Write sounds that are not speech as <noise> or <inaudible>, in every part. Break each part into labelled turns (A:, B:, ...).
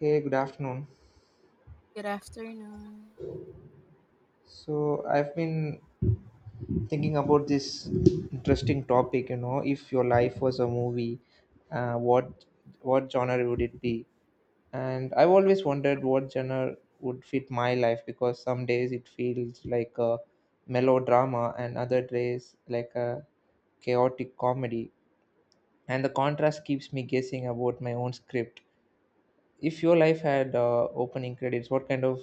A: Hey, good afternoon.
B: Good afternoon.
A: So, I've been thinking about this interesting topic, you know, if your life was a movie, uh, what what genre would it be? And I've always wondered what genre would fit my life because some days it feels like a melodrama and other days like a chaotic comedy. And the contrast keeps me guessing about my own script. If your life had opening credits, what kind of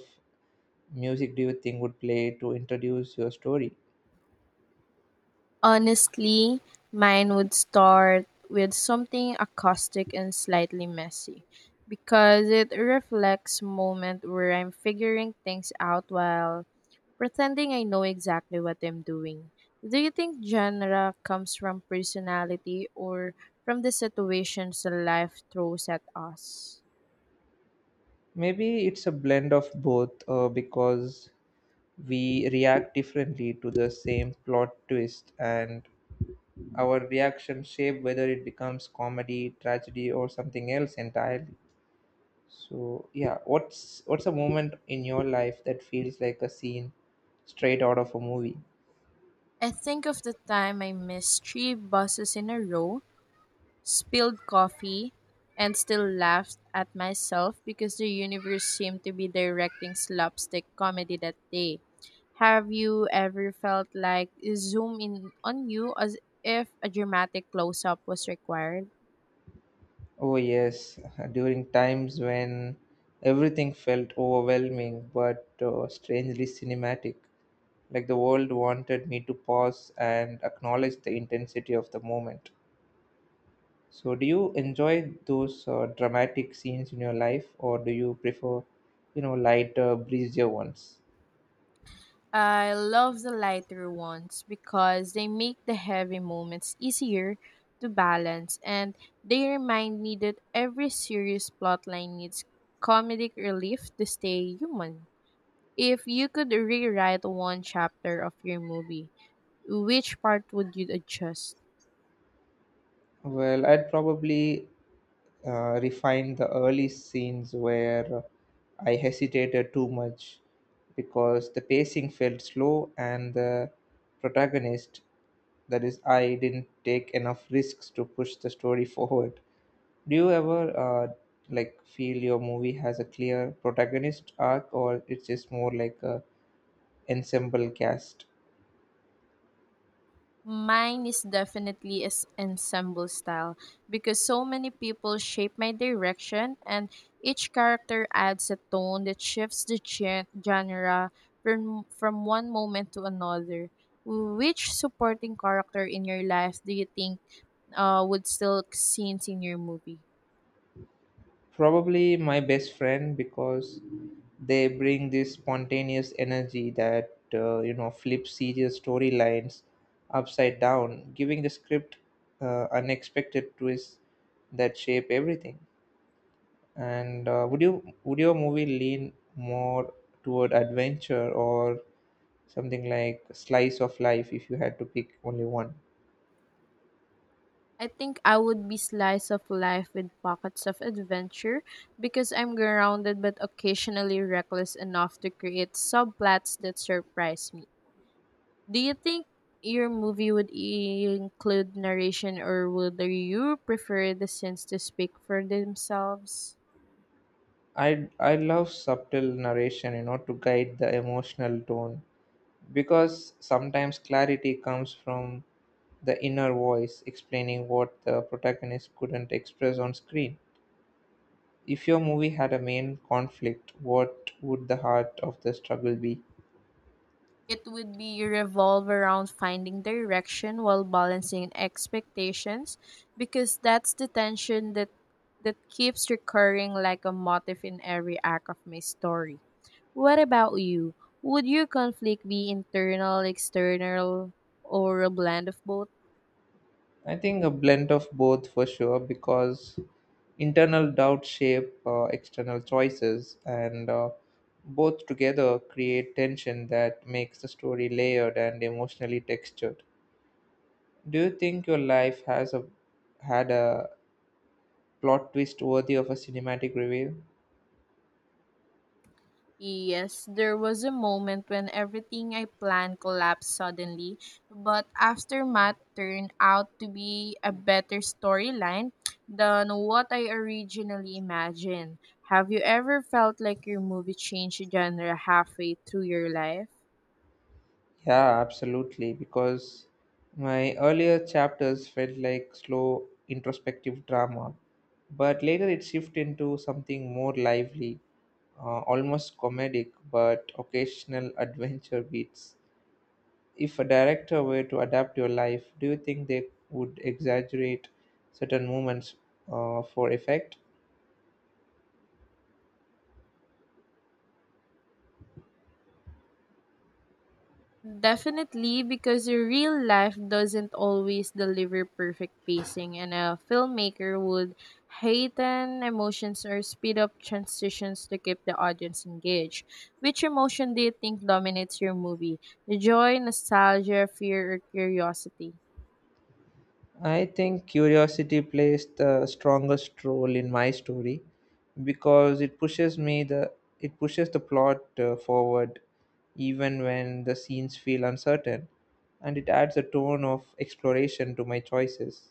A: music do you think would play to introduce your story?
B: Honestly, mine would start with something acoustic and slightly messy because it reflects moment where I'm figuring things out while pretending I know exactly what I'm doing. Do you think genre comes from personality or from the situations that life throws at us?
A: Maybe it's a blend of both because we react differently to the same plot twist and our reaction shape whether it becomes comedy, tragedy or something else entirely. So yeah, what's a moment in your life that feels like a scene straight out of a movie?
B: I think of the time I missed three buses in a row spilled coffee, and still laughed at myself because the universe seemed to be directing slapstick comedy that day. Have you ever felt like zoom in on you as if a dramatic close up was required?
A: Oh yes, <laughs> during times when everything felt overwhelming but strangely cinematic, like the world wanted me to pause and acknowledge the intensity of the moment. So, do you enjoy those dramatic scenes in your life, or do you prefer, you know, lighter, breezier ones?
B: I love the lighter ones because they make the heavy moments easier to balance, and they remind me that every serious plotline needs comedic relief to stay human. If you could rewrite one chapter of your movie, which part would you adjust?
A: Well, I'd probably refine the early scenes where I hesitated too much because the pacing felt slow and the protagonist, that is, I, didn't take enough risks to push the story <laughs> forward. Do you ever feel your movie has a clear protagonist arc, or it's just more like a ensemble cast?
B: Mine is definitely is ensemble style, because so many people shape my direction and each character adds a tone that shifts the genre from one moment to another. Which supporting character in your life do you think would still scenes in your movie?
A: Probably my best friend because they bring this spontaneous energy that you know flips serious storylines upside down, giving the script unexpected twists that shape everything. And would your movie lean more toward adventure or something like slice of life if you had to pick only one?
B: I think I would be slice of life with pockets of adventure, because I'm grounded but occasionally reckless enough to create subplots that surprise me. Do you think your movie would include narration, or would you prefer the scenes to speak for themselves?
A: I love subtle narration, you know, to guide the emotional tone because sometimes clarity comes from the inner voice explaining what the protagonist couldn't express on screen. If your movie had a main conflict, what would the heart of the struggle be?
B: It would be revolve around finding direction while balancing expectations, because that's the tension that keeps recurring like a motif in every act of my story. What about you? Would your conflict be internal, external, or a blend of both?
A: I think a blend of both for sure because internal doubts shape external choices, and both together create tension that makes the story layered and emotionally textured. Do you think your life has a had a plot twist worthy of a cinematic reveal?
B: Yes, there was a moment when everything I planned collapsed suddenly, but Aftermath turned out to be a better storyline than what I originally imagined. Have you ever felt like your movie changed genre halfway through your life?
A: Yeah, absolutely. Because my earlier chapters felt like slow introspective drama, but later it shifted into something more lively, almost comedic but occasional adventure beats. If a director were to adapt your life, do you think they would exaggerate certain moments for effect?
B: Definitely, because your real life doesn't always deliver perfect pacing, and a filmmaker would heighten emotions or speed up transitions to keep the audience engaged. Which emotion do you think dominates your movie? Joy, nostalgia, fear, or curiosity?
A: I think curiosity plays the strongest role in my story because it pushes the plot forward even when the scenes feel uncertain and it adds a tone of exploration to my choices.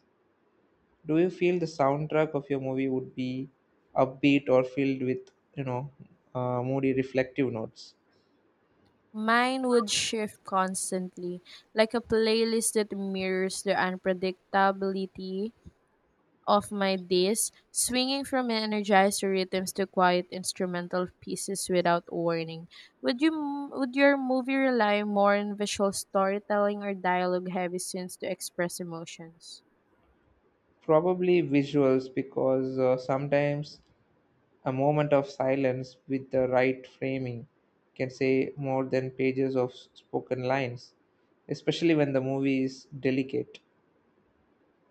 A: Do you feel the soundtrack of your movie would be upbeat or filled with, you know, moody reflective notes?
B: Mine would shift constantly, like a playlist that mirrors the unpredictability of my days, swinging from energized rhythms to quiet instrumental pieces without warning. Would your movie rely more on visual storytelling or dialogue-heavy scenes to express emotions?
A: Probably visuals because sometimes a moment of silence with the right framing can say more than pages of spoken lines, especially when the movie is delicate.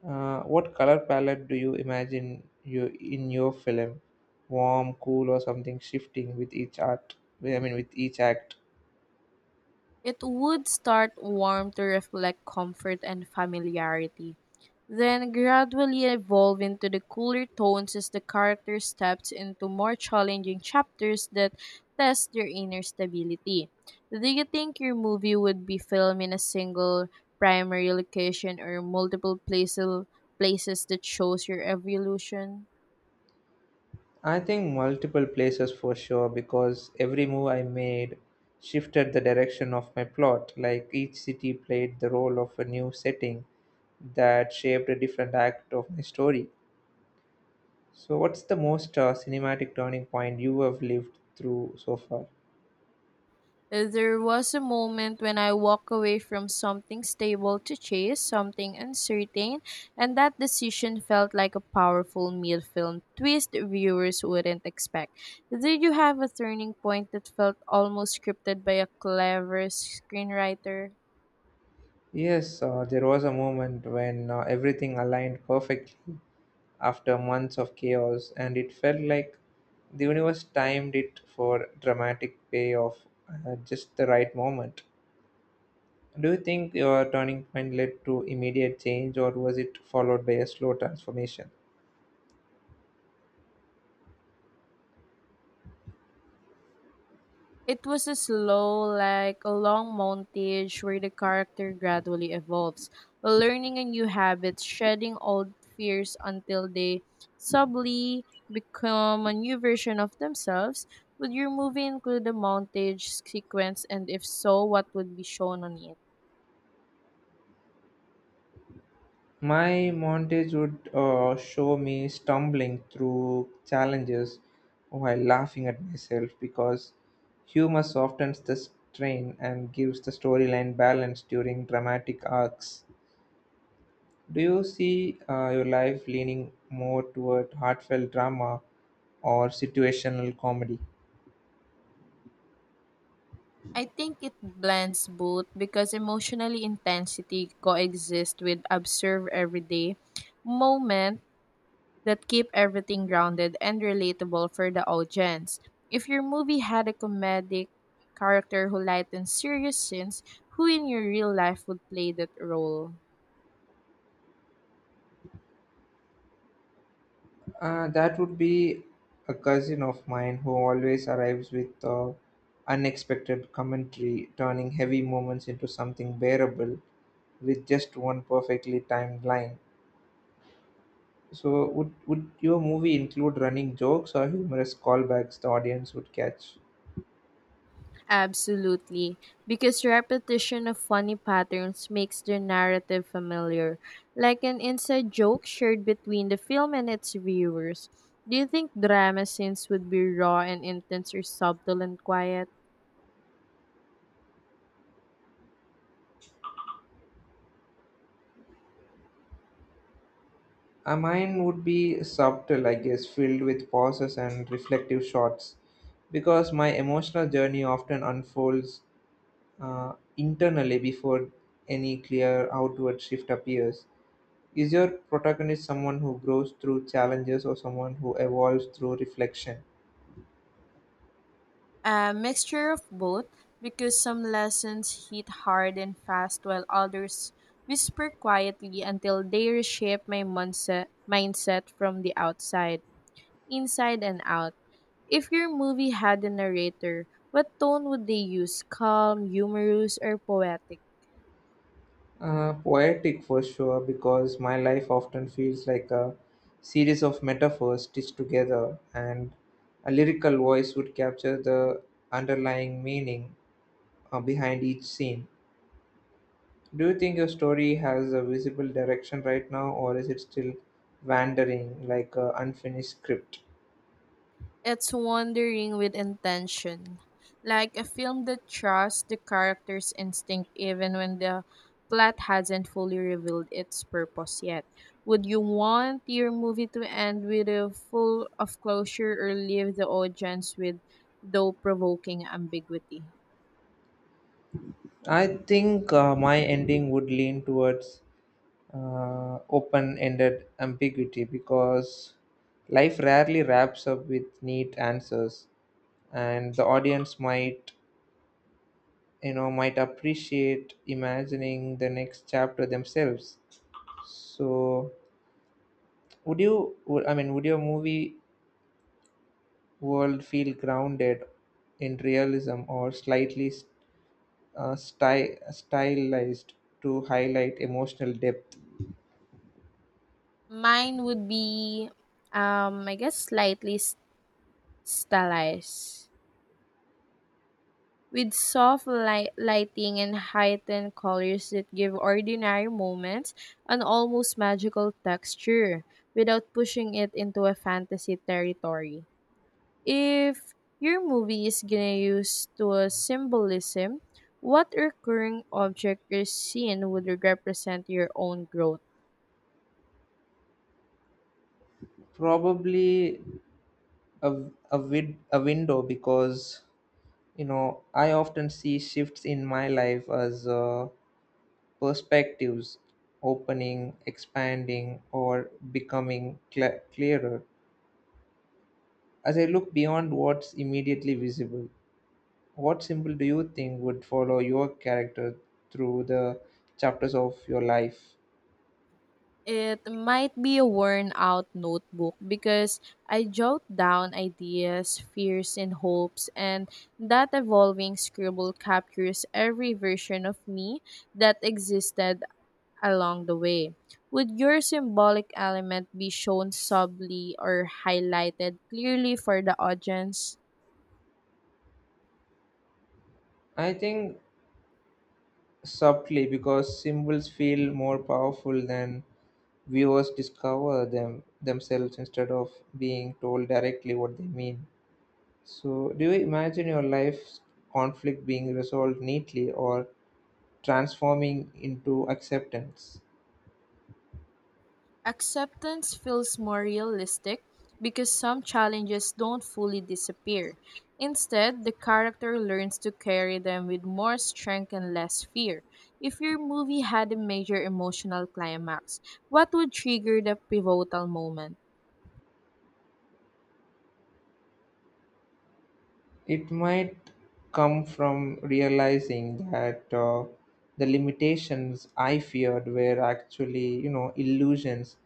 A: What color palette do you imagine you in your film? Warm, cool, or something shifting with each art? I mean, with each act?
B: It would start warm to reflect comfort and familiarity, then gradually evolve into the cooler tones as the character steps into more challenging chapters that test their inner stability. Do you think your movie would be filmed in a single primary location, or multiple places that shows your evolution?
A: I think multiple places for sure because every move I made shifted the direction of my plot. Like each city played the role of a new setting that shaped a different act of my story. So, what's the most cinematic turning point you have lived through so far?
B: There was a moment when I walked away from something stable to chase something uncertain, and that decision felt like a powerful mid-film twist viewers wouldn't expect. Did you have a turning point that felt almost scripted by a clever screenwriter?
A: Yes, there was a moment when everything aligned perfectly after months of chaos, and it felt like the universe timed it for dramatic payoff at just the right moment. Do you think your turning point led to immediate change, or was it followed by a slow transformation?
B: It was a slow, like a long montage where the character gradually evolves, learning a new habit, shedding old fears until they subtly become a new version of themselves. Would your movie include a montage sequence, and if so, what would be shown on it?
A: My montage would show me stumbling through challenges while laughing at myself because humor softens the strain and gives the storyline balance during dramatic arcs. Do you see your life leaning more toward heartfelt drama or situational comedy?
B: I think it blends both, because emotionally intensity coexists with observe everyday moment that keep everything grounded and relatable for the audience. If your movie had a comedic character who lightens serious scenes, who in your real life would play that role?
A: That would be a cousin of mine who always arrives with unexpected commentary, turning heavy moments into something bearable with just one perfectly timed line. So, would your movie include running jokes or humorous callbacks the audience would catch?
B: Absolutely, because repetition of funny patterns makes the narrative familiar, like an inside joke shared between the film and its viewers. Do you think drama scenes would be raw and intense, or subtle and quiet?
A: Mine would be subtle, I guess, filled with pauses and reflective shots, because my emotional journey often unfolds internally before any clear outward shift appears. Is your protagonist someone who grows through challenges or someone who evolves through reflection?
B: A mixture of both, because some lessons hit hard and fast while others whisper quietly until they reshape my mindset from the outside, inside and out. If your movie had a narrator, what tone would they use? Calm, humorous, or poetic?
A: Poetic for sure, because my life often feels like a series of metaphors stitched together, and a lyrical voice would capture the underlying meaning behind each scene. Do you think your story has a visible direction right now, or is it still wandering like an unfinished script?
B: It's wandering with intention, like a film that trusts the character's instinct even when the plot hasn't fully revealed its purpose yet. Would you want your movie to end with a full of closure, or leave the audience with though provoking ambiguity?
A: I think my ending would lean towards open ended ambiguity because life rarely wraps up with neat answers, and the audience might, you know, might appreciate imagining the next chapter themselves. So, would you, would- I mean, would your movie world feel grounded in realism or slightly stylized to highlight emotional depth?
B: Mine would be I guess slightly stylized with soft lighting and heightened colors that give ordinary moments an almost magical texture without pushing it into a fantasy territory. If your movie is gonna use to a symbolism, what recurring object or scene would represent your own growth?
A: Probably a a window because you know I often see shifts in my life as perspectives opening, expanding, or becoming clearer. As I look beyond what's immediately visible, what symbol do you think would follow your character through the chapters of your life?
B: It might be a worn out notebook, because I jot down ideas, fears, and hopes, and that evolving scribble captures every version of me that existed along the way. Would your symbolic element be shown subtly, or highlighted clearly for the audience?
A: I think subtly because symbols feel more powerful than viewers discover them themselves instead of being told directly what they mean. So, do you imagine your life's conflict being resolved neatly or transforming into acceptance?
B: Acceptance feels more realistic, because some challenges don't fully disappear. Instead, the character learns to carry them with more strength and less fear. If your movie had a major emotional climax, what would trigger the pivotal moment?
A: It might come from realizing that the limitations I feared were actually, you know, illusions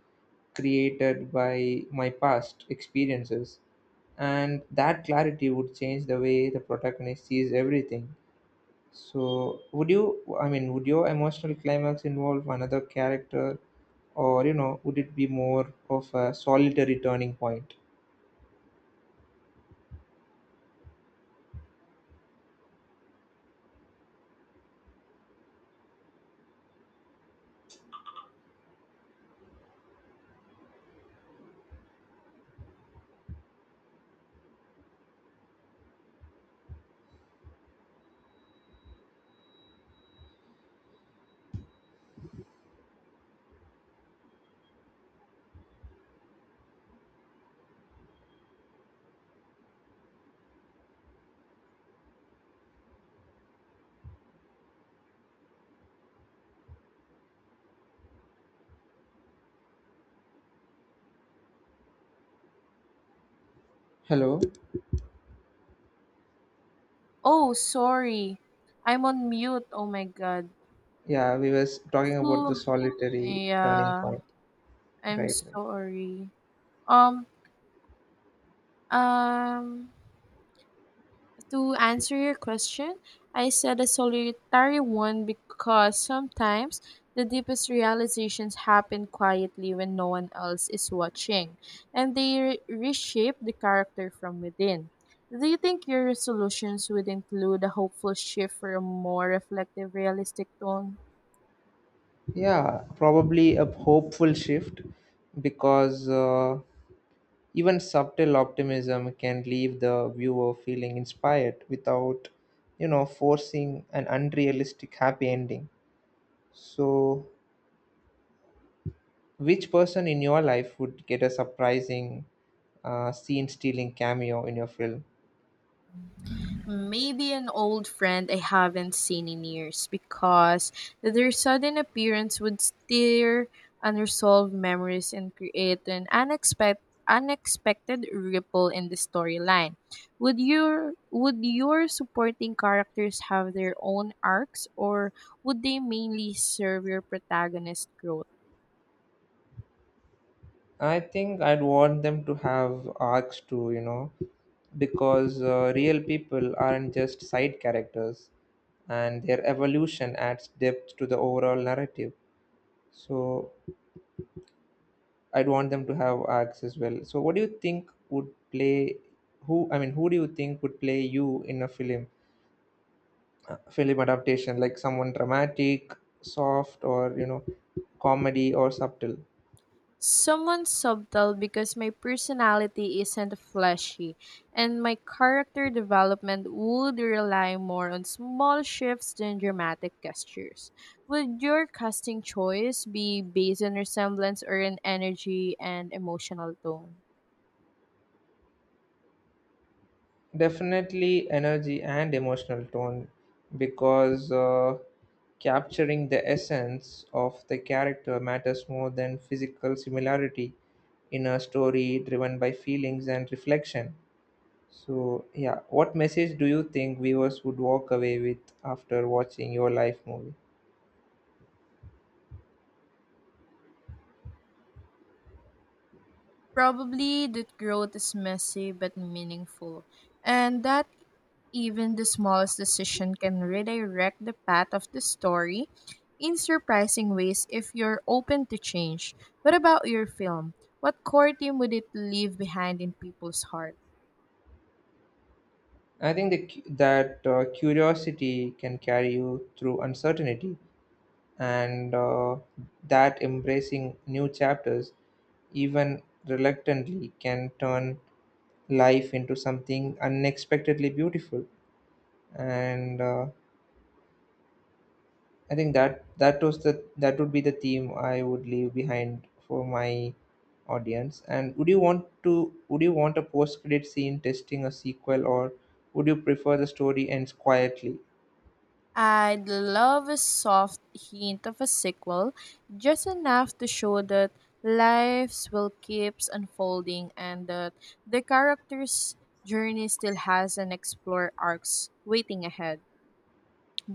A: created by my past experiences. And that clarity would change the way the protagonist sees everything. So, would your emotional climax involve another character, or you know, would it be more of a solitary turning point? Hello.
B: Oh, sorry. I'm on mute. Oh my god.
A: Yeah, we was talking about
B: So,
A: the solitary turning
B: yeah,
A: point,
B: I'm
A: right?
B: sorry. Um, um To answer your question, I said a solitary one, because sometimes the deepest realizations happen quietly when no one else is watching, and they reshape the character from within. Do you think your resolutions would include a hopeful shift for a more reflective, realistic tone?
A: Yeah, probably a hopeful shift because even subtle optimism can leave the viewer feeling inspired without, you know, forcing an unrealistic happy ending. So which person in your life would get a surprising scene stealing cameo in your film?
B: Maybe an old friend I haven't seen in years, because their sudden appearance would stir unresolved memories and create an unexpected ripple in the storyline. Would your supporting characters have their own arcs, or would they mainly serve your protagonist growth?
A: I think I'd want them to have arcs too, you know, because real people aren't just side characters and their evolution adds depth to the overall narrative. So I'd want them to have arcs as well. So what do you think would play who I mean who do you think would play you in a film? Uh, film adaptation, like someone dramatic, soft, or you know, comedy or subtle.
B: Someone subtle, because my personality isn't flashy, and my character development would rely more on small shifts than dramatic gestures. Would your casting choice be based on resemblance, or in energy and emotional tone?
A: Definitely energy and emotional tone because capturing the essence of the character matters more than physical similarity in a story driven by feelings and reflection. So yeah, what message do you think viewers would walk away with after watching your life movie?
B: Probably that growth is messy but meaningful, and that even the smallest decision can redirect the path of the story in surprising ways if you're open to change. What about your film? What core theme would it leave behind in people's heart?
A: I think that curiosity can carry you through uncertainty, and that embracing new chapters, even reluctantly, can turn life into something unexpectedly beautiful. And I think that would be the theme I would leave behind for my audience. And would you want a post credit scene testing a sequel, or would you prefer the story ends quietly?
B: I'd love a soft hint of a sequel, just enough to show that lives will keeps unfolding, and that the character's journey still has an explore arcs waiting ahead.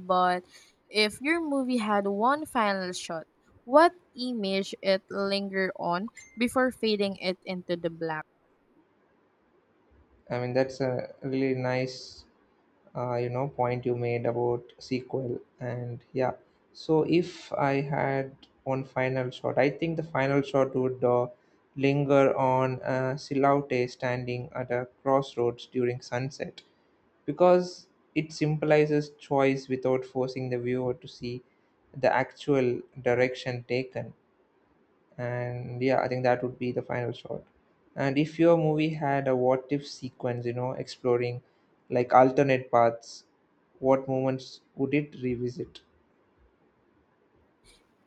B: But if your movie had one final shot, what image it linger on before fading it into the black?
A: I mean, that's a really nice, you know, point you made about sequel. And yeah, so if I had one final shot, I think the final shot would linger on Silaute standing at a crossroads during sunset because it symbolizes choice without forcing the viewer to see the actual direction taken. And yeah, I think that would be the final shot. And if your movie had a what if sequence, you know, exploring like alternate paths, what moments would it revisit?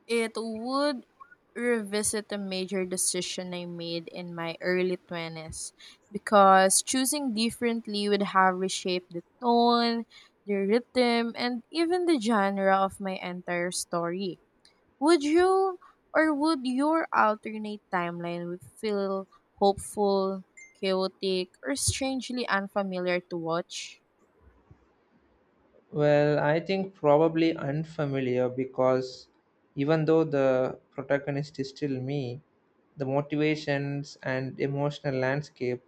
B: It would revisit a major decision I made in my early 20s, because choosing differently would have reshaped the tone, the rhythm, and even the genre of my entire story. Would you would your alternate timeline would feel hopeful, chaotic, or strangely unfamiliar to watch?
A: Well, I think probably unfamiliar because even though the protagonist is still me, the motivations and emotional landscape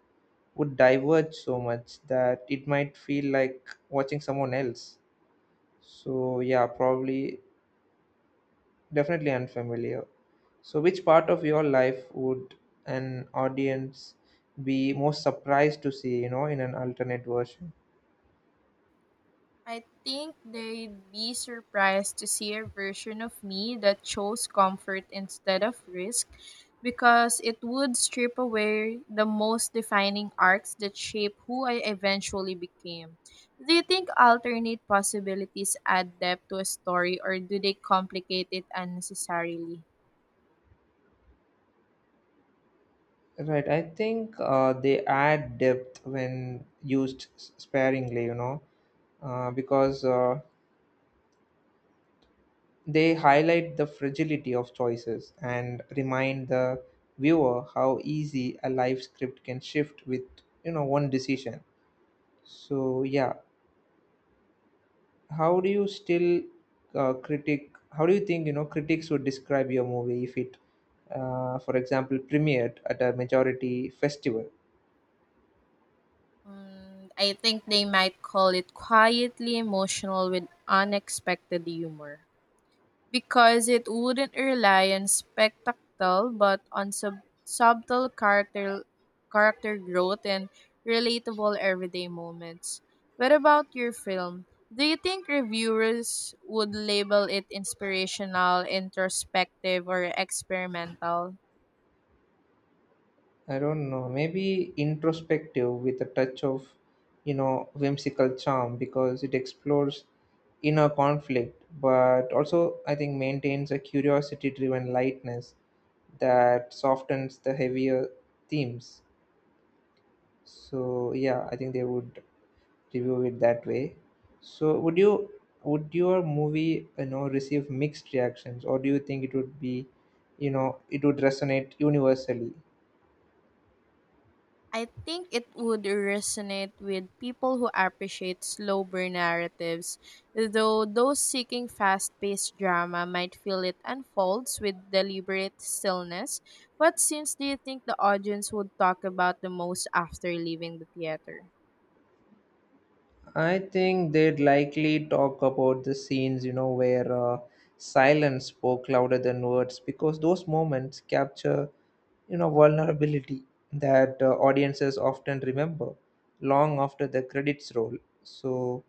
A: would diverge so much that it might feel like watching someone else. So yeah, probably definitely unfamiliar. So, which part of your life would an audience be most surprised to see, you know, in an alternate version?
B: I think they'd be surprised to see a version of me that chose comfort instead of risk, because it would strip away the most defining arcs that shape who I eventually became. Do you think alternate possibilities add depth to a story, or do they complicate it unnecessarily?
A: Right, I think they add depth when used sparingly, you know, because they highlight the fragility of choices and remind the viewer how easy a life script can shift with, you know, one decision. So, yeah, how do you still how do you think, you know, critics would describe your movie if it, for example, premiered at a majority festival?
B: I think they might call it quietly emotional with unexpected humor, because it wouldn't rely on spectacle but on subtle character growth and relatable everyday moments. What about your film? Do you think reviewers would label it inspirational, introspective, or experimental?
A: I don't know, maybe introspective with a touch of, you know, whimsical charm, because it explores inner conflict but also I think maintains a curiosity driven lightness that softens the heavier themes. So yeah, I think they would review it that way. So would your movie, you know, receive mixed reactions, or do you think it would be, you know, it would resonate universally?
B: I think it would resonate with people who appreciate slow burn narratives, though those seeking fast paced drama might feel it unfolds with deliberate stillness. What scenes do you think the audience would talk about the most after leaving the theater?
A: I think they'd likely talk about the scenes, you know, where silence spoke louder than words because those moments capture, you know, vulnerability that audiences often remember long after the credits roll. So,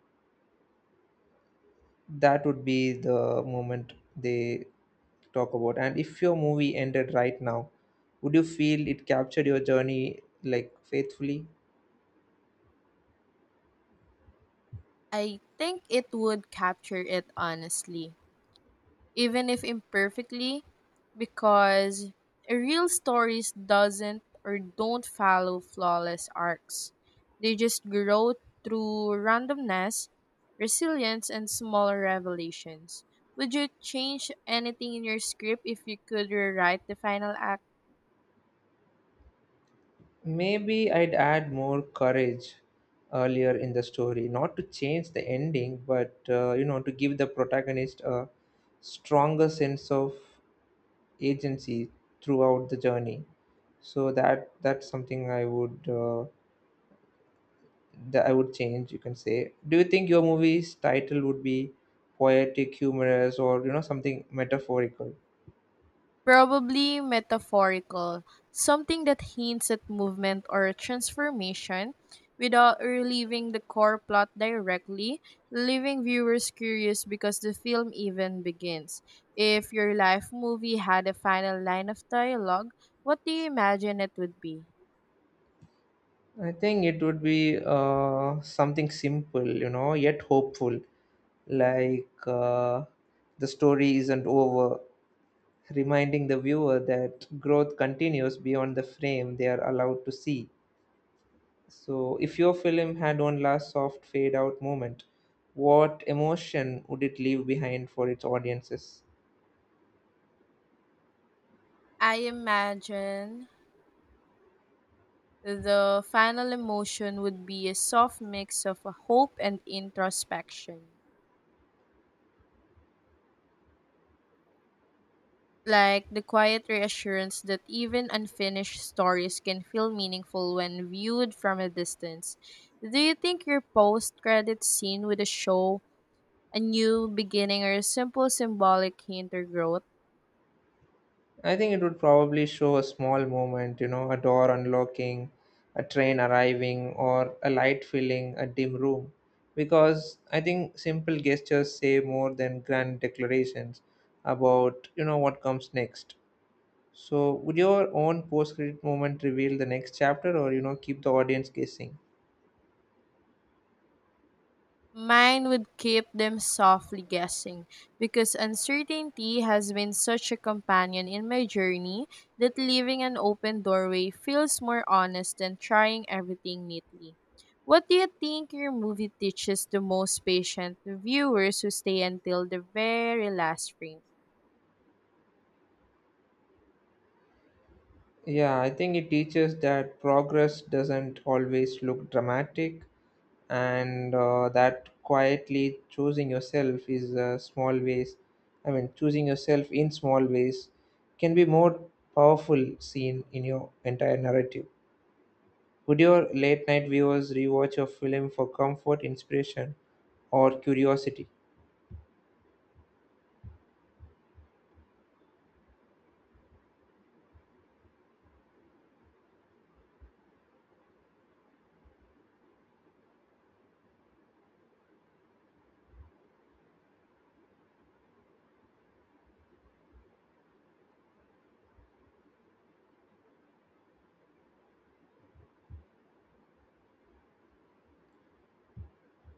A: that would be the moment they talk about. And if your movie ended right now, would you feel it captured your journey like faithfully?
B: I think it would capture it honestly, even if imperfectly, because real stories doesn't or don't follow flawless arcs. They just grow through randomness, resilience, and smaller revelations. Would you change anything in your script if you could rewrite the final act?
A: Maybe I'd add more courage earlier in the story, not to change the ending but you know, to give the protagonist a stronger sense of agency throughout the journey. So that, that's something I would that I would change, you can say. Do you think your movie's title would be poetic, humorous, or you know something metaphorical?
B: Probably metaphorical, something that hints at movement or transformation without relieving the core plot directly, leaving viewers curious because the film even begins. If your life movie had a final line of dialogue, what do you imagine it would be?
A: I think it would be something simple, you know, yet hopeful, like the story isn't over, reminding the viewer that growth continues beyond the frame they are allowed to see. So, if your film had one last soft fade out moment, what emotion would it leave behind for its audiences?
B: I imagine the final emotion would be a soft mix of hope and introspection, like the quiet reassurance that even unfinished stories can feel meaningful when viewed from a distance. Do you think your post credit scene with a show, a new beginning, or a simple symbolic hint or growth?
A: I think it would probably show a small moment, you know, a door unlocking, a train arriving, or a light filling a dim room. Because I think simple gestures say more than grand declarations about, you know, what comes next. So, would your own post credit moment reveal the next chapter, or, you know, keep the audience guessing?
B: Mine would keep them softly guessing, because uncertainty has been such a companion in my journey that leaving an open doorway feels more honest than trying everything neatly. What do you think your movie teaches the most patient viewers who stay until the very last frame?
A: Yeah, I think it teaches that progress doesn't always look dramatic, and that quietly choosing yourself is small ways I mean choosing yourself in small ways can be more powerful scene in your entire narrative. Would your late night viewers rewatch your film for comfort, inspiration, or curiosity?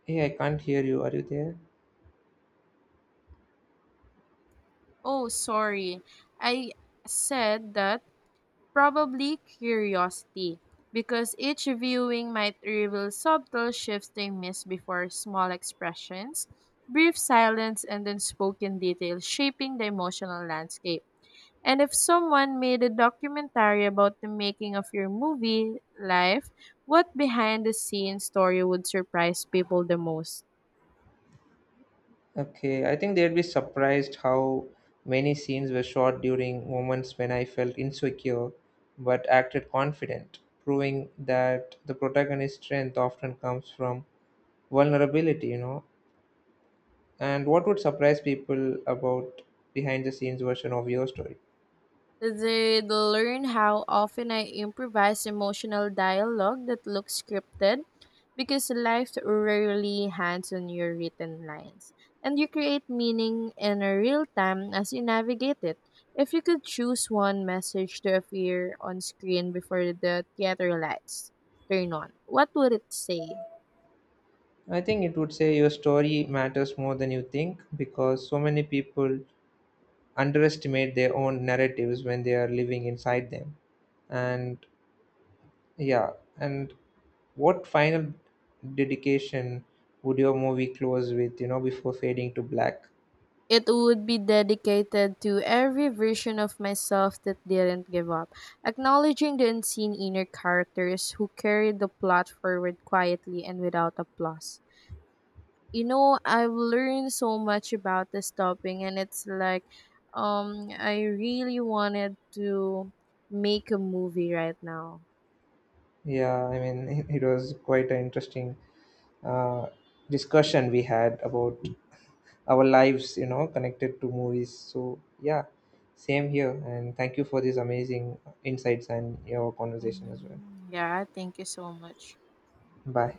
A: Hey, I can't hear you, are you there?
B: Oh, sorry. I said that. Probably curiosity, because each viewing might reveal subtle shifts they miss before small expressions, brief silence, and then spoken detail shaping the emotional landscape. And if someone made a documentary about the making of your movie life, what behind the scenes story would surprise people the most?
A: Okay, I think they'd be surprised how many scenes were shot during moments when I felt insecure but acted confident, proving that the protagonist's strength often comes from vulnerability, you know. And what would surprise people about behind the scenes version of your story?
B: They'd learn how often I improvise emotional dialogue that looks scripted, because life rarely hands on your written lines, and you create meaning in real time as you navigate it. If you could choose one message to appear on screen before the theater lights turn on, what would it say?
A: I think it would say your story matters more than you think, because so many people underestimate their own narratives when they are living inside them. And yeah, and what final dedication would your movie close with, you know, before fading to black?
B: It would be dedicated to every version of myself that didn't give up, acknowledging the unseen inner characters who carried the plot forward quietly and without applause. You know, I've learned so much about this topic, and it's like, I really wanted to make a movie right now.
A: Yeah, I mean, <laughs> it was quite an interesting uh, discussion we had about our lives, you know, connected to movies. So, yeah, same here. And thank you for these amazing insights and your conversation as well.
B: Mm, yeah, thank you so much.
A: Bye.